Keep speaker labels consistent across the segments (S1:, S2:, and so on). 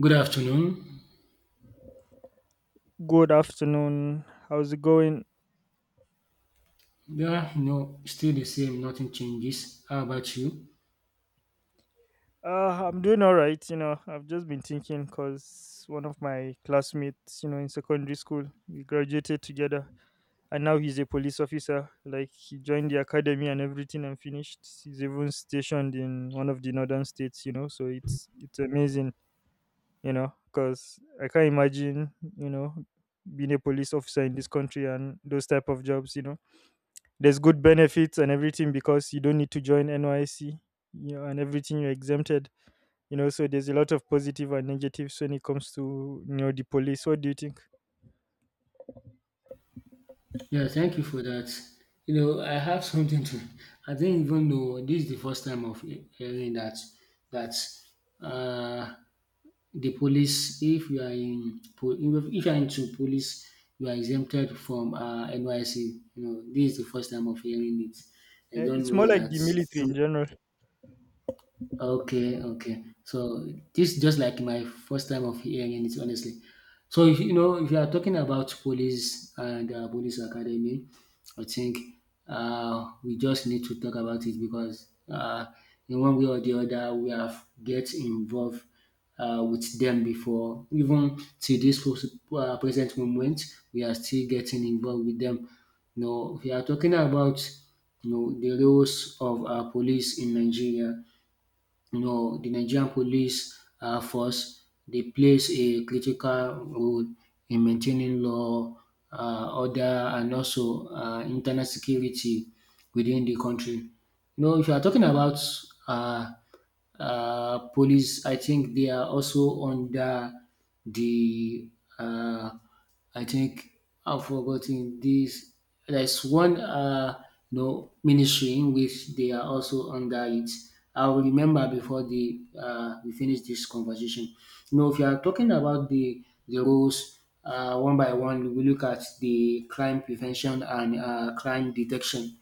S1: Good afternoon.
S2: Good afternoon. How's it going?
S1: Yeah, no, still the same, nothing changes. How about you?
S2: I'm doing all right. You know, I've just been thinking because one of my classmates, you know, in secondary school, we graduated together, and now he's a police officer. Like he joined the academy and everything, and finished. He's even stationed in one of the northern states. You know, so it's amazing. You know, because I can't imagine, you know, being a police officer in this country and those type of jobs. You know, there's good benefits and everything because you don't need to join NYC, you know, and everything you're exempted. You know, so there's a lot of positive and negatives when it comes to, you know, the police. What do you think?
S1: Yeah, thank you for that. You know, I have something to, I didn't even know this is the first time of hearing that, that uh, the police, if you are in, if you are into police, you are exempted from NYC. You know, this is the first time of hearing it. I don't
S2: It's more
S1: know
S2: like
S1: that.
S2: the military in general.
S1: Okay, okay. So this is just like my first time of hearing it, honestly. So if you know, if you are talking about police and police academy, I think we just need to talk about it because in one way or the other, we have get involved with them before. Even to this present moment, we are still getting involved with them. No, we are talking about, you know, the roles of our police in Nigeria, you know, the Nigerian police force, they plays a critical role in maintaining law, order, and also internal security within the country. You know, if you are talking about uh, police, I think they are also under the uh, I think I've forgotten this. There's one, you know, ministry in which they are also under it. I'll remember before the we finish this conversation. You know, if you are talking about the roles, one by one, we look at the crime prevention and crime detection.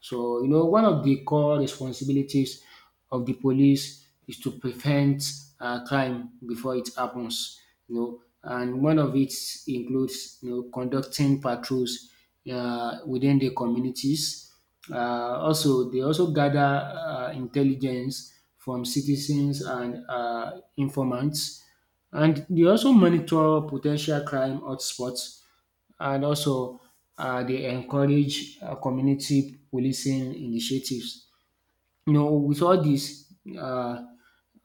S1: So, you know, one of the core responsibilities of the police is to prevent crime before it happens, you know, and one of it includes, you know, conducting patrols within the communities. Also, they also gather intelligence from citizens and informants, and they also monitor potential crime hotspots and also they encourage community policing initiatives, you know, with all this,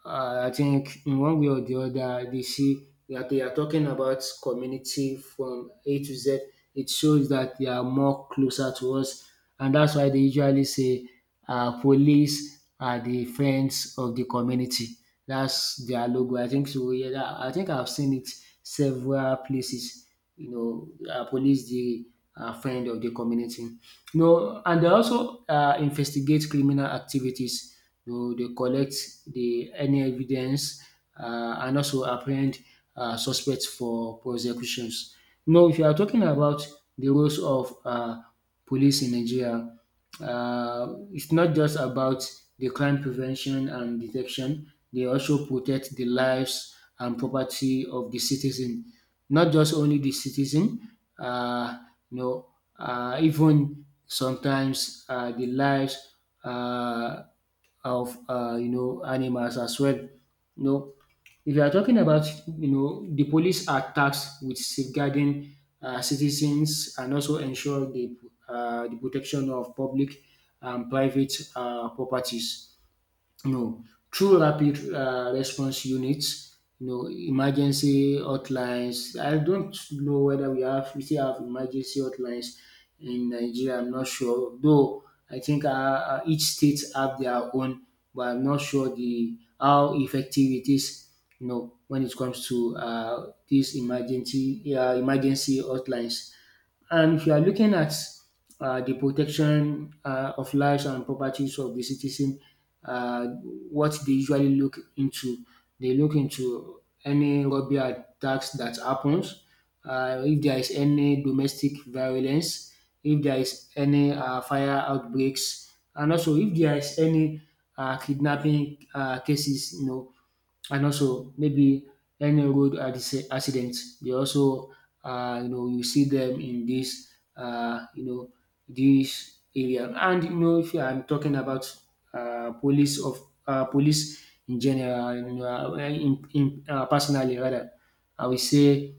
S1: I think in one way or the other, they see that they are talking about community from A to Z. It shows that they are more closer to us, and that's why they usually say, "Police are the friends of the community." That's their logo. I think so. Yeah, I think I've seen it several places. You know, police the friend of the community. No, and they also investigate criminal activities. You know, they collect the any evidence and also apprehend suspects for prosecutions. No, if you are talking about the roles of police in Nigeria, it's not just about the crime prevention and detection. They also protect the lives and property of the citizen, not just only the citizen. Uh, you know, Even sometimes the lives uh, of you know, animals as well. You know, if you are talking about, you know, the police are tasked with safeguarding citizens and also ensure the protection of public and private properties, you know, through rapid response units, you know, emergency hotlines. I don't know whether we still have emergency hotlines in Nigeria. I'm not sure though. I think each state have their own, but I'm not sure the how effective it is, you know, when it comes to these emergency emergency hotlines. And if you are looking at the protection of lives and properties of the citizen, uh, what they usually look into, they look into any robbery attacks that happens, if there is any domestic violence, if there is any fire outbreaks, and also if there is any kidnapping cases, you know, and also maybe any road accidents. They also, you know, you see them in you know, this area. And you know, if I'm talking about police of police in general, you know, personally rather, I will say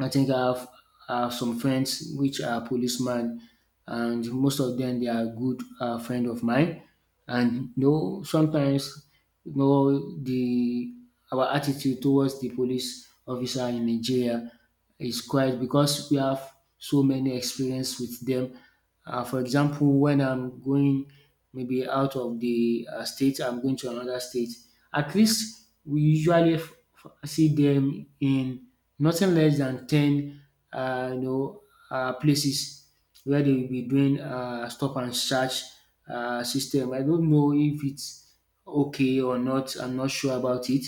S1: I think I have, I have some friends which are policemen, and most of them they are good friend of mine. And you know, sometimes, you know, the our attitude towards the police officer in Nigeria is quite because we have so many experience with them. For example, when I'm going maybe out of the state, I'm going to another state. At least we usually see them in nothing less than 10, uh, you know, places where they will be doing stop and search system. I don't know if it's okay or not. I'm not sure about it,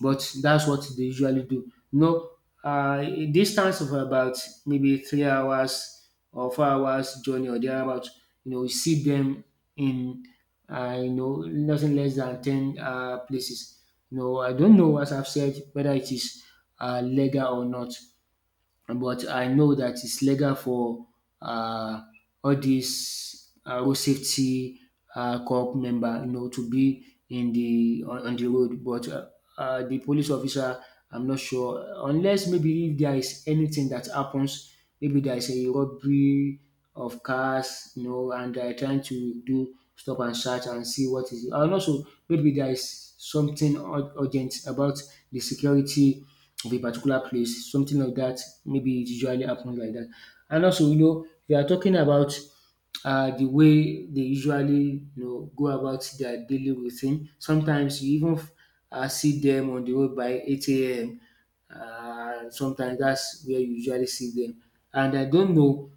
S1: but that's what they usually do. You know, a distance of about maybe 3 hours or 4 hours journey or thereabout. You know, you see them in you know nothing less than 10 places. You know, I don't know as I've said whether it is legal or not, but I know that it's legal for uh, all these road safety corps member, you know, to be in the on the road. But the police officer, I'm not sure, unless maybe if there is anything that happens, maybe there is a robbery of cars, you know, and they're trying to do stop and search and see what is. And also maybe there is something urgent about the security of a particular place, something like that. Maybe it usually happens like that. And also, you know, we are talking about the way they usually, you know, go about their daily routine. Sometimes you even see them on the road by 8 a.m. Sometimes that's where you usually see them. And I don't know,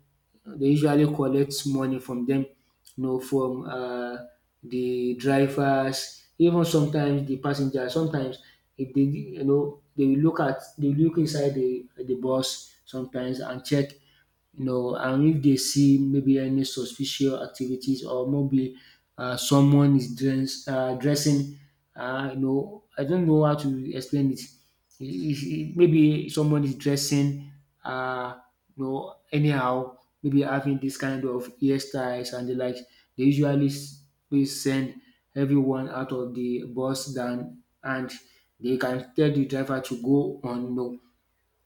S1: they usually collect money from them, you know, from the drivers, even sometimes the passengers. Sometimes if they, you know, they will look inside the bus sometimes and check, you know, and if they see maybe any suspicious activities or maybe dressing, you know, I don't know how to explain it. Maybe someone is dressing, uh, you know, anyhow, maybe having this kind of hairstyles and the like. They usually they send everyone out of the bus than and they can tell the driver to go on. No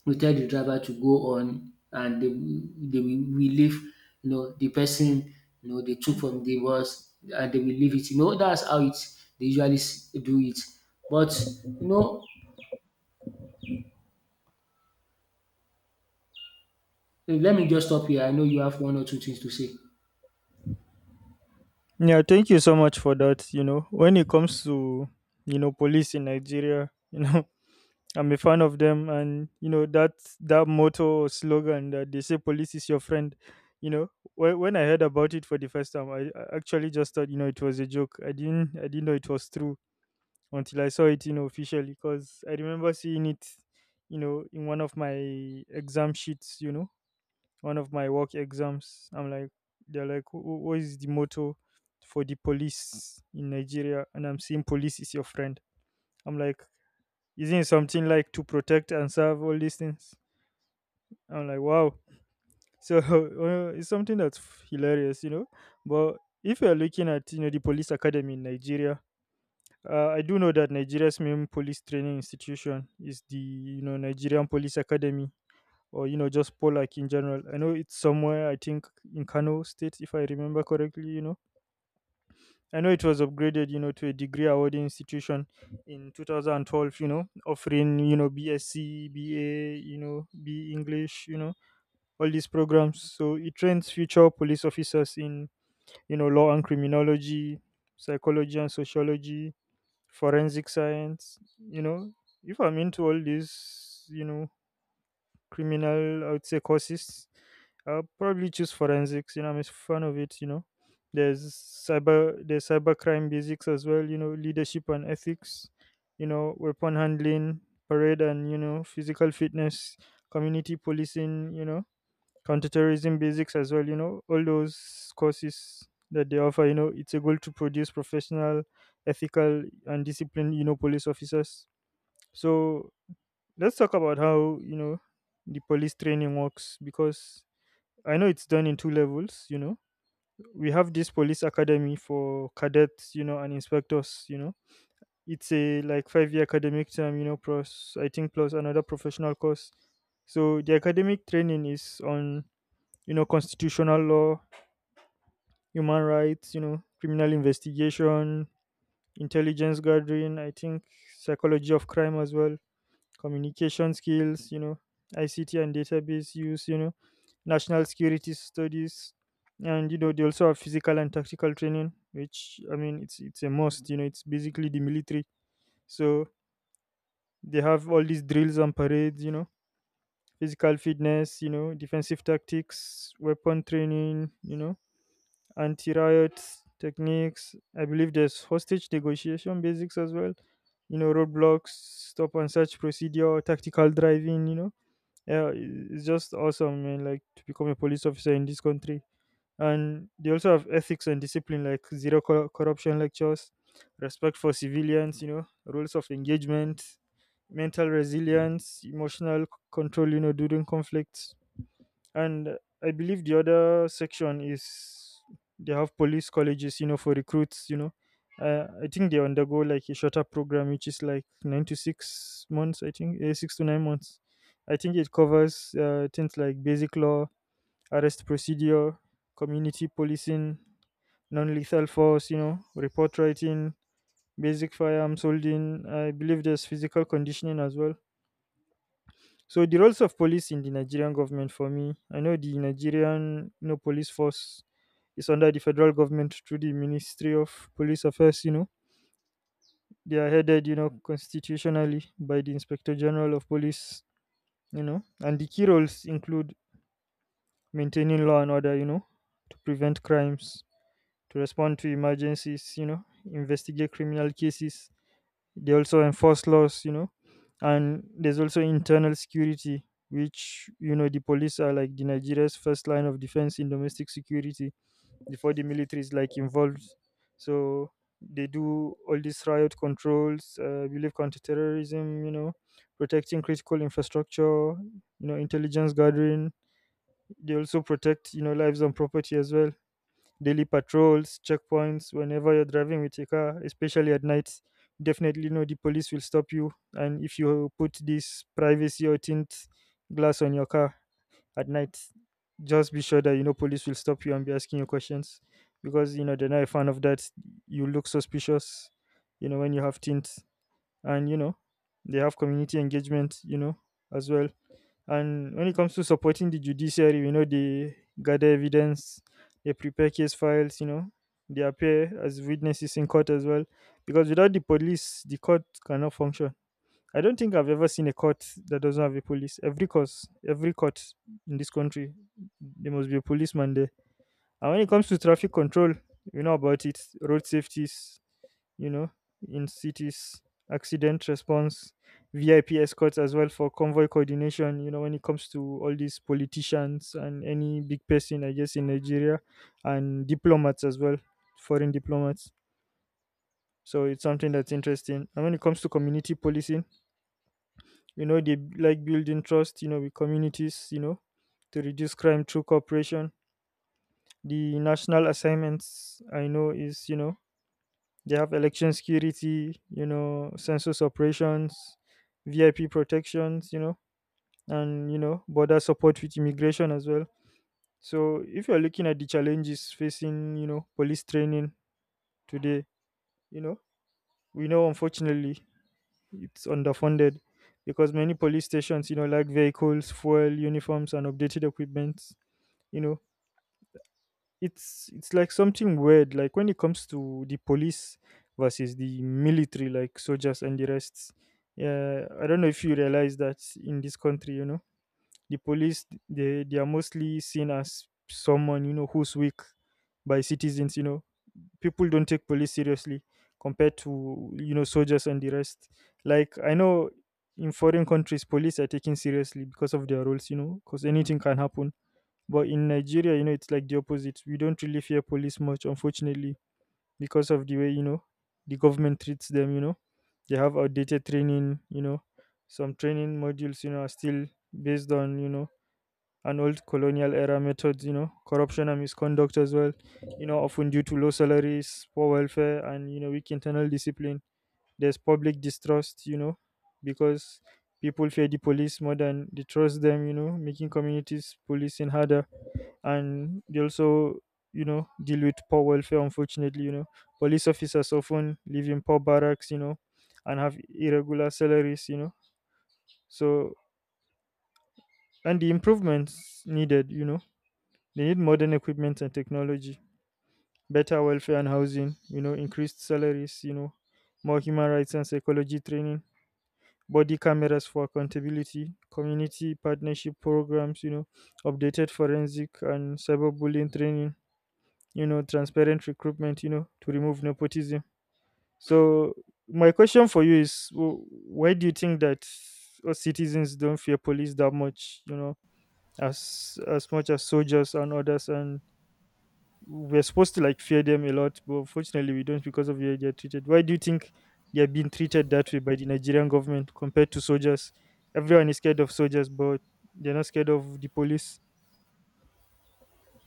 S1: We tell the driver to go on and they will we leave, you know, the person, you know, they took from the bus and they will leave it. You know, that's how it they usually do it. But you know, let me just stop here. I know you have one or two things to say.
S2: Yeah, thank you so much for that. You know, when it comes to, you know, police in Nigeria, you know, I'm a fan of them, and you know that that motto or slogan that they say, "Police is your friend." You know, when I heard about it for the first time, I actually just thought, you know, it was a joke. I didn't know it was true until I saw it, you know, officially, because I remember seeing it, you know, in one of my exam sheets. You know, one of my work exams. I'm like, they're like, "What is the motto for the police in Nigeria?" And I'm seeing, "Police is your friend." I'm like, isn't something like to protect and serve all these things. I'm like, wow. So it's something that's hilarious, you know. But if you're looking at, you know, the police academy in Nigeria, I do know that Nigeria's main police training institution is the, you know, Nigerian Police Academy, or, you know, just Polak in general. I know it's somewhere, I think, in Kano State, if I remember correctly. You know, I know it was upgraded, you know, to a degree awarding institution in 2012, you know, offering, you know, BSc, BA, you know, B English, you know, all these programs. So it trains future police officers in, you know, law and criminology, psychology and sociology, forensic science, you know. If I'm into all this, you know, criminal, I would say, courses. I'll probably choose forensics. You know, I'm a fan of it. You know, there's cyber, there's cybercrime basics as well. You know, leadership and ethics. You know, weapon handling, parade, and, you know, physical fitness, community policing. You know, counterterrorism basics as well. You know, all those courses that they offer. You know, it's a goal to produce professional, ethical, and disciplined, you know, police officers. So let's talk about how, you know, the police training works, because I know it's done in two levels, you know. We have this police academy for cadets, you know, and inspectors, you know. It's a like 5 year academic term, you know, plus, I think, plus another professional course. So the academic training is on, you know, constitutional law, human rights, you know, criminal investigation, intelligence gathering, I think, psychology of crime as well, communication skills, you know, ICT and database use, you know, national security studies, and, you know, they also have physical and tactical training, which, I mean, it's a must. You know, it's basically the military, so they have all these drills and parades, you know, physical fitness, you know, defensive tactics, weapon training, you know, anti-riot techniques. I believe there's hostage negotiation basics as well, you know, roadblocks, stop and search procedure, tactical driving, you know. Yeah, it's just awesome, man, like, to become a police officer in this country. And they also have ethics and discipline, like zero corruption lectures, respect for civilians, you know, rules of engagement, mental resilience, emotional control, you know, during conflicts. And I believe the other section is they have police colleges, you know, for recruits, you know. I think they undergo like a shorter program which is like 9 to 6 months, I think, 6 to 9 months. I think it covers things like basic law, arrest procedure, community policing, non-lethal force, you know, report writing, basic firearms holding. I believe there's physical conditioning as well. So the roles of police in the Nigerian government, for me, I know the Nigerian, you know, police force is under the federal government through the Ministry of Police Affairs, you know. They are headed, you know, constitutionally by the Inspector General of Police, you know. And the key roles include maintaining law and order, you know, to prevent crimes, to respond to emergencies, you know, investigate criminal cases. They also enforce laws, you know, and there's also internal security, which, you know, the police are like the Nigeria's first line of defense in domestic security before the military is like involved. So they do all these riot controls, I believe counterterrorism, you know, protecting critical infrastructure, you know, intelligence gathering. They also protect, you know, lives and property as well, daily patrols, checkpoints, whenever you're driving with your car, especially at night, definitely know the police will stop you. And if you put this privacy or tint glass on your car at night, just be sure that, you know, police will stop you and be asking you questions because, you know, they're not a fan of that. You look suspicious, you know, when you have tint, and, you know, they have community engagement, you know, as well. And when it comes to supporting the judiciary, you know, they gather evidence, they prepare case files, you know, they appear as witnesses in court as well. Because without the police, the court cannot function. I don't think I've ever seen a court that doesn't have a police. Every court in this country, there must be a policeman there. And when it comes to traffic control, you know about it, road safeties, you know, in cities, accident response, VIP escorts as well for convoy coordination, you know, when it comes to all these politicians and any big person, I guess, in Nigeria, and diplomats as well, foreign diplomats. So it's something that's interesting. And when it comes to community policing, you know, they like building trust, you know, with communities, you know, to reduce crime through cooperation. The national assignments I know is, you know, they have election security, you know, census operations, VIP protections, you know, and, you know, border support with immigration as well. So if you're looking at the challenges facing, you know, police training today, you know, we know, unfortunately, it's underfunded because many police stations, you know, lack vehicles, fuel, uniforms, and updated equipment. You know, it's like something weird, like when it comes to the police versus the military, like soldiers and the rest. Yeah, I don't know if you realize that in this country, you know, the police, they are mostly seen as someone, you know, who's weak by citizens, you know. People don't take police seriously compared to, you know, soldiers and the rest. Like I know in foreign countries police are taken seriously because of their roles, you know, because anything can happen, but in Nigeria, you know, it's like the opposite. We don't really fear police much, unfortunately, because of the way, you know, the government treats them, you know. They have outdated training, you know. Some training modules, you know, are still based on, you know, an old colonial era methods, you know, corruption and misconduct as well, you know, often due to low salaries, poor welfare, and, you know, weak internal discipline. There's public distrust, you know, because people fear the police more than they trust them, you know, making communities policing harder. And they also, you know, deal with poor welfare, unfortunately, you know. Police officers often live in poor barracks, you know, and have irregular salaries, you know. So, and the improvements needed, you know, they need modern equipment and technology, better welfare and housing, you know, increased salaries, you know, more human rights and psychology training, body cameras for accountability, community partnership programs, you know, updated forensic and cyberbullying training, you know, transparent recruitment, you know, to remove nepotism. So my question for you is, why do you think that us citizens don't fear police that much, you know, as much as soldiers and others, and we're supposed to like fear them a lot, but unfortunately we don't because of the way they're treated. Why do you think they're being treated that way by the Nigerian government compared to soldiers? Everyone is scared of soldiers, but they're not scared of the police.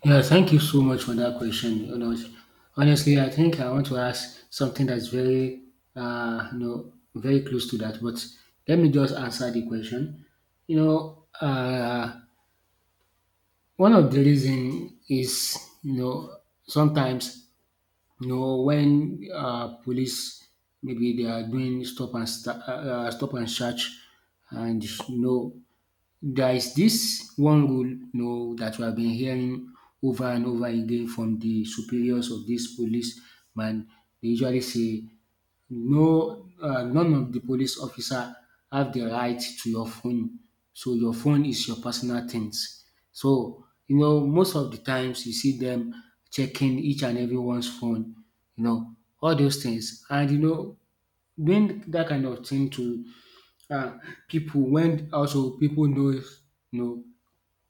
S1: Yeah, thank you so much for that question. You know, honestly, I think I want to ask something that's you know, very close to that. But let me just answer the question. You know, one of the reason is, you know, sometimes, you know, when police maybe they are doing stop and search, and you know, there is this one rule, you know, that we have been hearing over and over again from the superiors of this policeman. They usually say no, none of the police officer have the right to your phone. So your phone is your personal things. So you know, most of the times you see them checking each and everyone's phone, you know, all those things. And you know, doing that kind of thing to uh, people when also people knows, you know,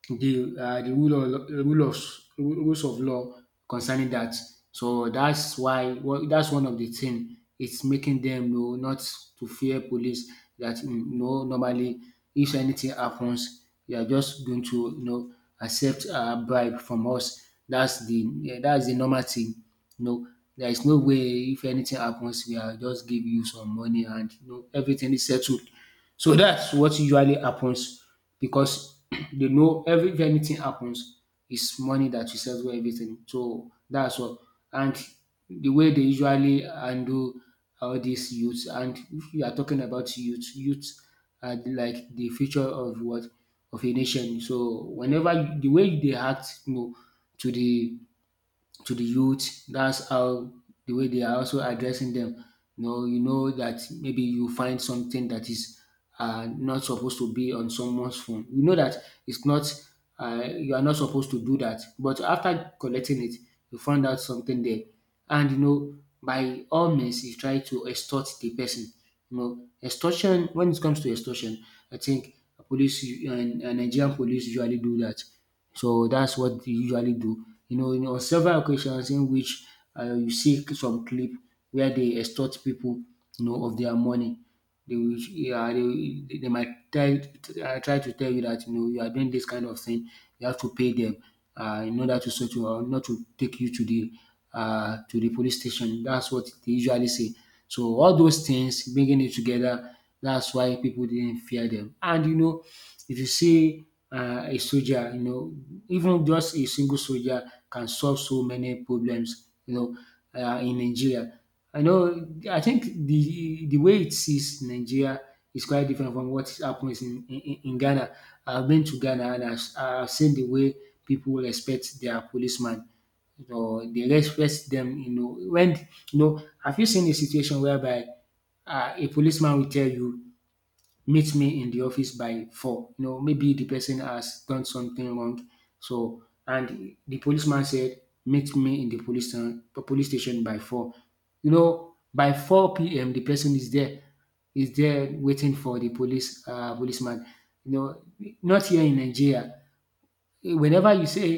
S1: the rules of law concerning that. So that's why, well, that's one of the thing. It's making them know not to fear police. That mm, no Normally if anything happens, you are just going to, you know, accept a bribe from us. That's the Yeah, that's the normal thing. No, there is no way. If anything happens, we are just give you some money and you know everything is settled. So that's what usually happens because they know every if anything happens, it's money that will settle everything. So that's what. And the way they usually handle all these youths, and if you are talking about youth, youth are like the future of what of a nation. So whenever the way they act, you know, to the to the youth. That's how the way they are also addressing them. You know that maybe you find something that is not supposed to be on someone's phone. You know that it's not. You are not supposed to do that, but after collecting it, you find out something there, and you know, by all means you try to extort the person. You know extortion, when it comes to extortion, I think police u- and Nigerian police usually do that. So that's what they usually do, you know, on several occasions in which you see some clip where they extort people, you know, of their money. They will, yeah, they might try try to tell you that, you know, you are doing this kind of thing. You have to pay them in order to sort you out, not to take you to the police station. That's what they usually say. So all those things, bringing it together, that's why people didn't fear them. And you know, if you see a soldier, you know, even just a single soldier can solve so many problems. You know, in Nigeria. I know, I think the way it sees Nigeria is quite different from what happens in Ghana. I've been to Ghana, and I've seen the way people respect their policeman. You know, they respect them, you know. Have you seen a situation whereby a policeman will tell you, meet me in the office by four? You know, maybe the person has done something wrong. So, and the policeman said, meet me in the police station by four. You know, by four p.m. the person is there waiting for the policeman. You know, not here in Nigeria. Whenever you say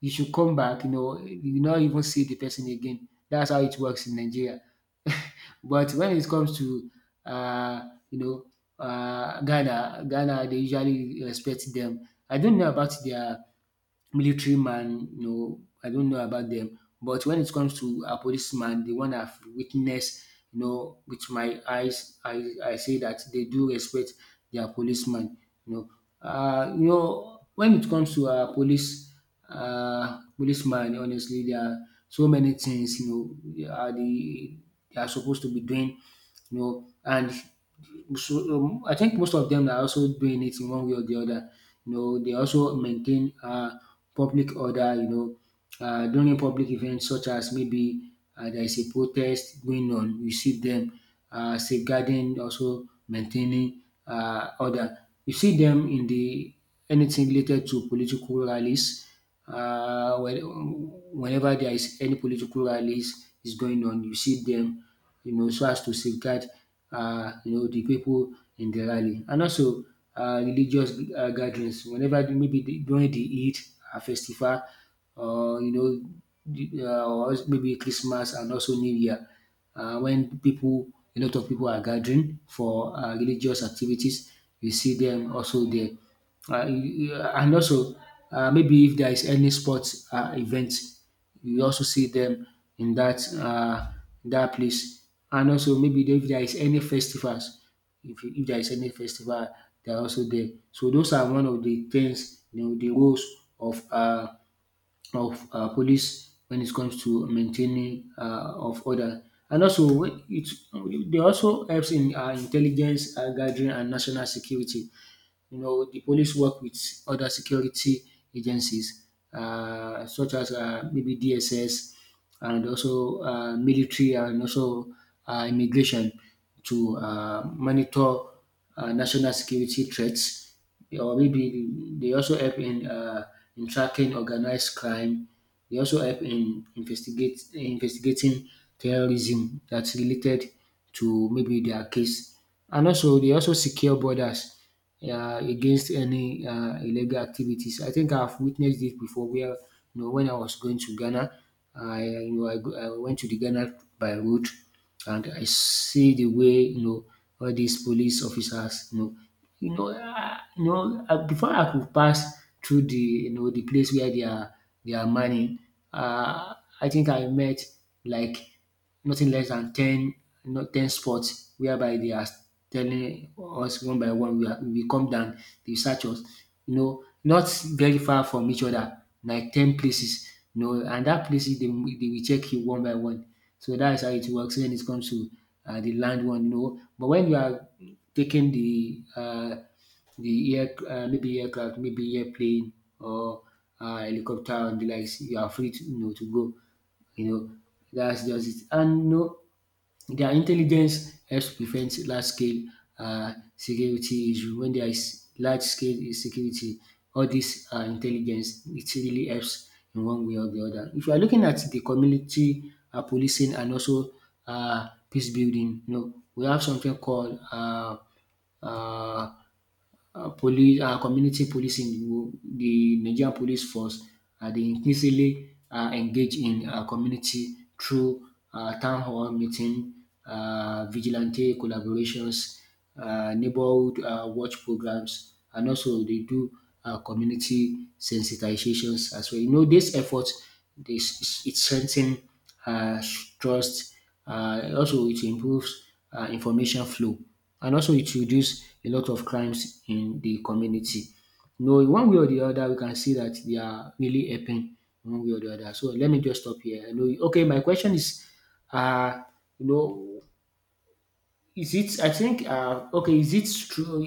S1: you should come back, you know, you not even see the person again. That's how it works in Nigeria. But when it comes to, uh, you know, Ghana, they usually respect them. I don't know about their military man, you know, I don't know about them. But when it comes to a policeman, the one I've witnessed, you know, with my eyes, I say that they do respect their policeman. You know, when it comes to a policeman, honestly, there are so many things, you know, they are supposed to be doing, you know. And so I think most of them are also doing it in one way or the other. You know, they also maintain public order. You know, during public events, such as maybe there is a protest going on, you see them safeguarding, also maintaining order. You see them in the anything related to political rallies. Uh, when, whenever there is any political rallies is going on, you see them, you know, so as to safeguard you know, the people in the rally. And also religious gatherings, whenever during the Eid festival, or you know, the or maybe Christmas and also New Year, when people a lot of people are gathering for religious activities, you see them also there. And also, maybe if there is any sports event, you also see them in that place. And also maybe if there is any festivals, if there is any festival, they are also there. So those are one of the things, you know, the roles of police when it comes to maintaining of order. And also, when it they also helps in intelligence gathering and national security. You know, the police work with other security agencies, such as maybe DSS, and also military, and also immigration, to monitor national security threats, or maybe they also help in tracking organized crime. They also help in investigate investigating terrorism that's related to maybe their case. And also, they also secure borders against any illegal activities. I think I've witnessed this before where, you know, when I was going to Ghana, I, you know, I, go- I went to the Ghana by road, and I see the way, you know, all these police officers, you know, before I could pass through the, you know, the place where they are mining, uh, I think I met like nothing less than 10, not 10 spots whereby they are telling us one by one. We come down, the search. You know, not very far from each other, like 10 places. You know, and that places they will check you one by one. So that is how it works when it comes to the land one. You know, but when you are taking the air, maybe aircraft, maybe airplane, or helicopter and the likes, you are free to, you know, to go. You know, that's just it. And you know, their intelligence helps prevent large scale security issue. When there is large scale insecurity, all this intelligence it really helps in one way or the other. If you are looking at the community policing and also peace building, you know, we have something called uh, community policing. The Nigerian police force, they increasingly engage in community through town hall meeting, vigilante collaborations, neighborhood watch programs, and also they do community sensitizations as well. You know, these efforts, this it strengthens uh, trust. Also, it improves information flow, and also it reduce a lot of crimes in the community. You know, in one way or the other, we can see that they are really helping in one way or the other. So let me just stop here. You know, okay, my question is, uh, you know, is it? I think. Okay. Is it true?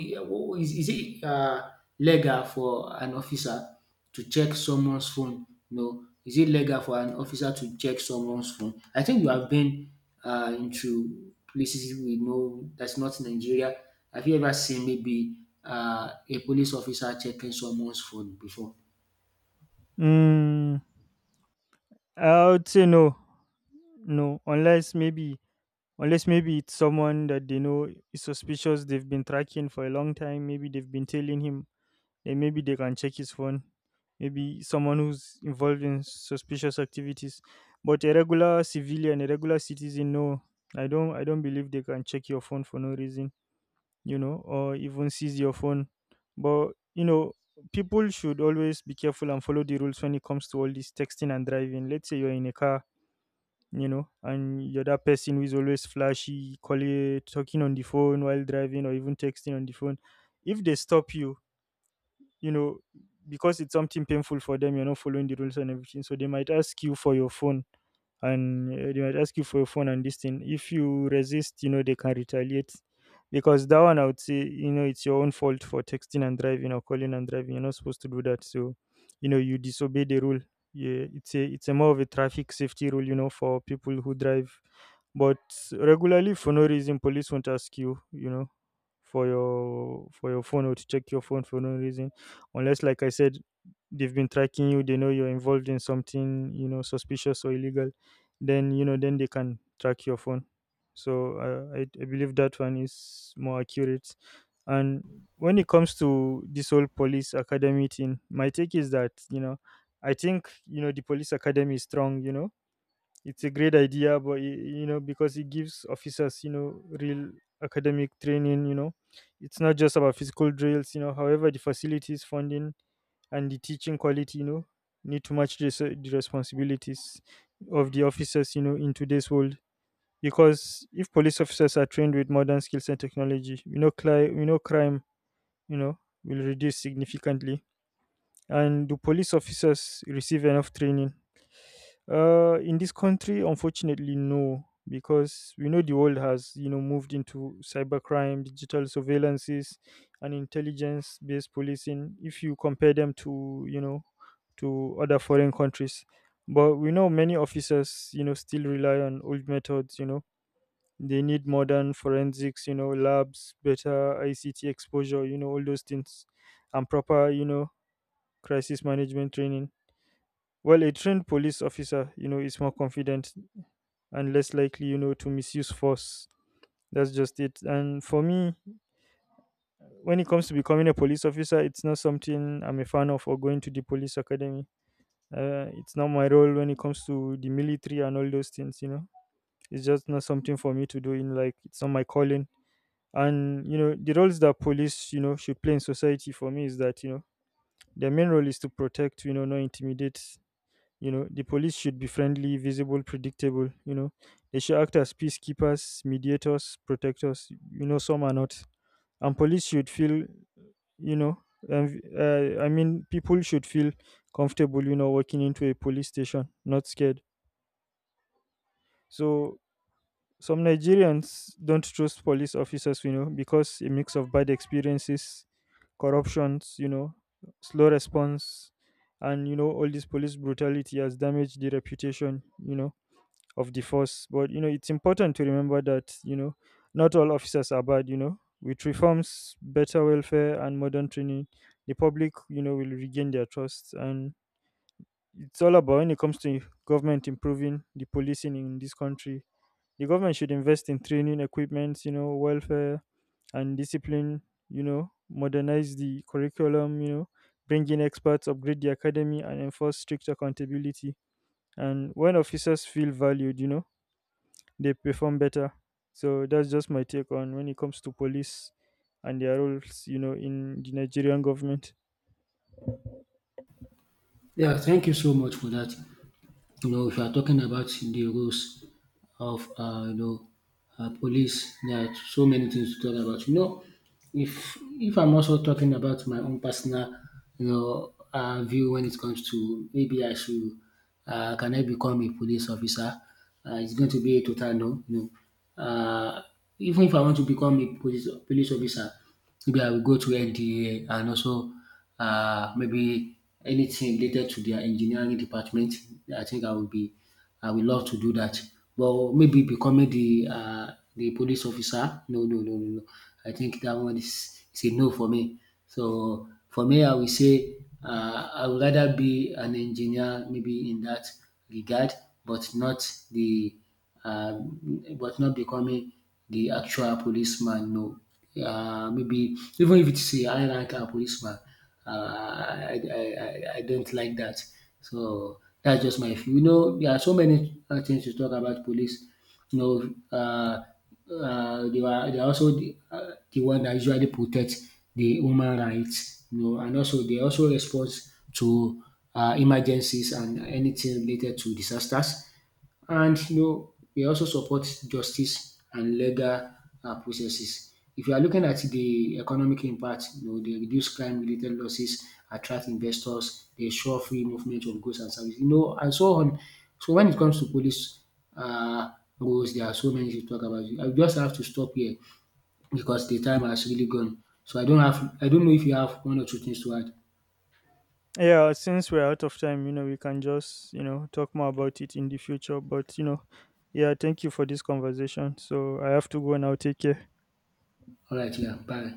S1: Is it legal for an officer to check someone's phone? No. Is it legal for an officer to check someone's phone? I think you have been into places we know that's not Nigeria. Have you ever seen maybe a police officer checking someone's phone before?
S2: Mm, I would say no, no, unless maybe it's someone that they know is suspicious, they've been tracking for a long time, maybe they've been tailing him, then maybe they can check his phone. Maybe someone who's involved in suspicious activities. But a regular civilian, a regular citizen, no. I don't believe they can check your phone for no reason, or even seize your phone. But you know, People should always be careful and follow the rules when it comes to all this texting and driving. Let's say you're in a car, and you're that person who is always flashy, calling, talking on the phone while driving, or even texting on the phone. If they stop you, you know, because it's something painful for them, you're not following the rules and everything. So they might ask you for your phone, and they might ask you for your phone and this thing. If you resist, they can retaliate. Because that one, I would say, it's your own fault for texting and driving or calling and driving. You're not supposed to do that. So, you disobey the rule. Yeah, it's a more of a traffic safety rule, for people who drive, but regularly, for no reason, police won't ask you, for your phone or to check your phone for no reason, unless, like I said, they've been tracking you. They know you're involved in something, suspicious or illegal. Then, you know, then they can track your phone. So I believe that one is more accurate. And when it comes to this whole police academy thing, my take is that, I think, you know, the police academy is strong. You know, it's a great idea, but you know, because it gives officers, you know, real academic training. You know, it's not just about physical drills. You know, however, the facilities, funding, and the teaching quality, you know, need to match the responsibilities of the officers, you know, in today's world. Because if police officers are trained with modern skills and technology, we know we know crime, you know, will reduce significantly. And do police officers receive enough training? In this country, unfortunately, no, because we know the world has, you know, moved into cybercrime, digital surveillances, and intelligence-based policing. If you compare them to, you know, to other foreign countries, but we know many officers, you know, still rely on old methods. You know, they need modern forensics, you know, labs, better ICT exposure, you know, all those things, and proper, you know, crisis management training. Well, a trained police officer, you know, is more confident and less likely, you know, to misuse force. That's just it. And for me, when it comes to becoming a police officer, it's not something I'm a fan of, or going to the police academy. It's not my role when it comes to the military and all those things, you know. It's just not something for me to do, in like it's not my calling. And you know, the roles that police, you know, should play in society for me is that, you know, their main role is to protect, you know, not intimidate. You know, the police should be friendly, visible, predictable. You know, they should act as peacekeepers, mediators, protectors. You know, some are not. And police should feel, you know, I mean, people should feel comfortable, you know, walking into a police station, not scared. So some Nigerians don't trust police officers, you know, because a mix of bad experiences, corruptions, you know, slow response, and you know, all this police brutality has damaged the reputation, you know, of the force. But you know, it's important to remember that, you know, not all officers are bad. You know, with reforms, better welfare, and modern training, the public, you know, will regain their trust. And it's all about when it comes to government improving the policing in this country. The government should invest in training, equipment, you know, welfare and discipline. You know, modernize the curriculum. You know, bring in experts, upgrade the academy, and enforce strict accountability. And when officers feel valued, you know, they perform better. So that's just my take on when it comes to police and their roles, you know, in the Nigerian government.
S1: Yeah. Thank you so much for that. You know, if you are talking about the rules of police, there are so many things to talk about. You know, if I'm also talking about my own personal, you know, view, when it comes to maybe I should, can I become a police officer? It's going to be a total no. You know, even if I want to become a police officer, maybe I will go to NDA, and also maybe anything related to their engineering department. I think I will love to do that. But maybe becoming the police officer, no, no, no, no, no. I think that one is a no for me. So for me, I will say I would rather be an engineer, maybe in that regard, but not the uh, but not becoming the actual policeman. No, maybe even if it's a high rank policeman, I don't like that. So that's just my view. You know, there are so many things to talk about police. You know, they are also the one that usually protect the human rights. You know, and also they also respond to emergencies and anything related to disasters. And you know, we also support justice and legal processes. If you are looking at the economic impact, you know, they reduce crime-related losses, attract investors, they ensure free movement of goods and services, you know, and so on. So when it comes to police uh, rules, there are so many to talk about. I just have to stop here because the time has really gone. So I don't know if you have one or two things to add.
S2: Yeah, since we're out of time, you know, we can just, you know, talk more about it in the future. But, you know, yeah, thank you for this conversation. So I have to go now. Take care.
S1: All right, yeah, bye.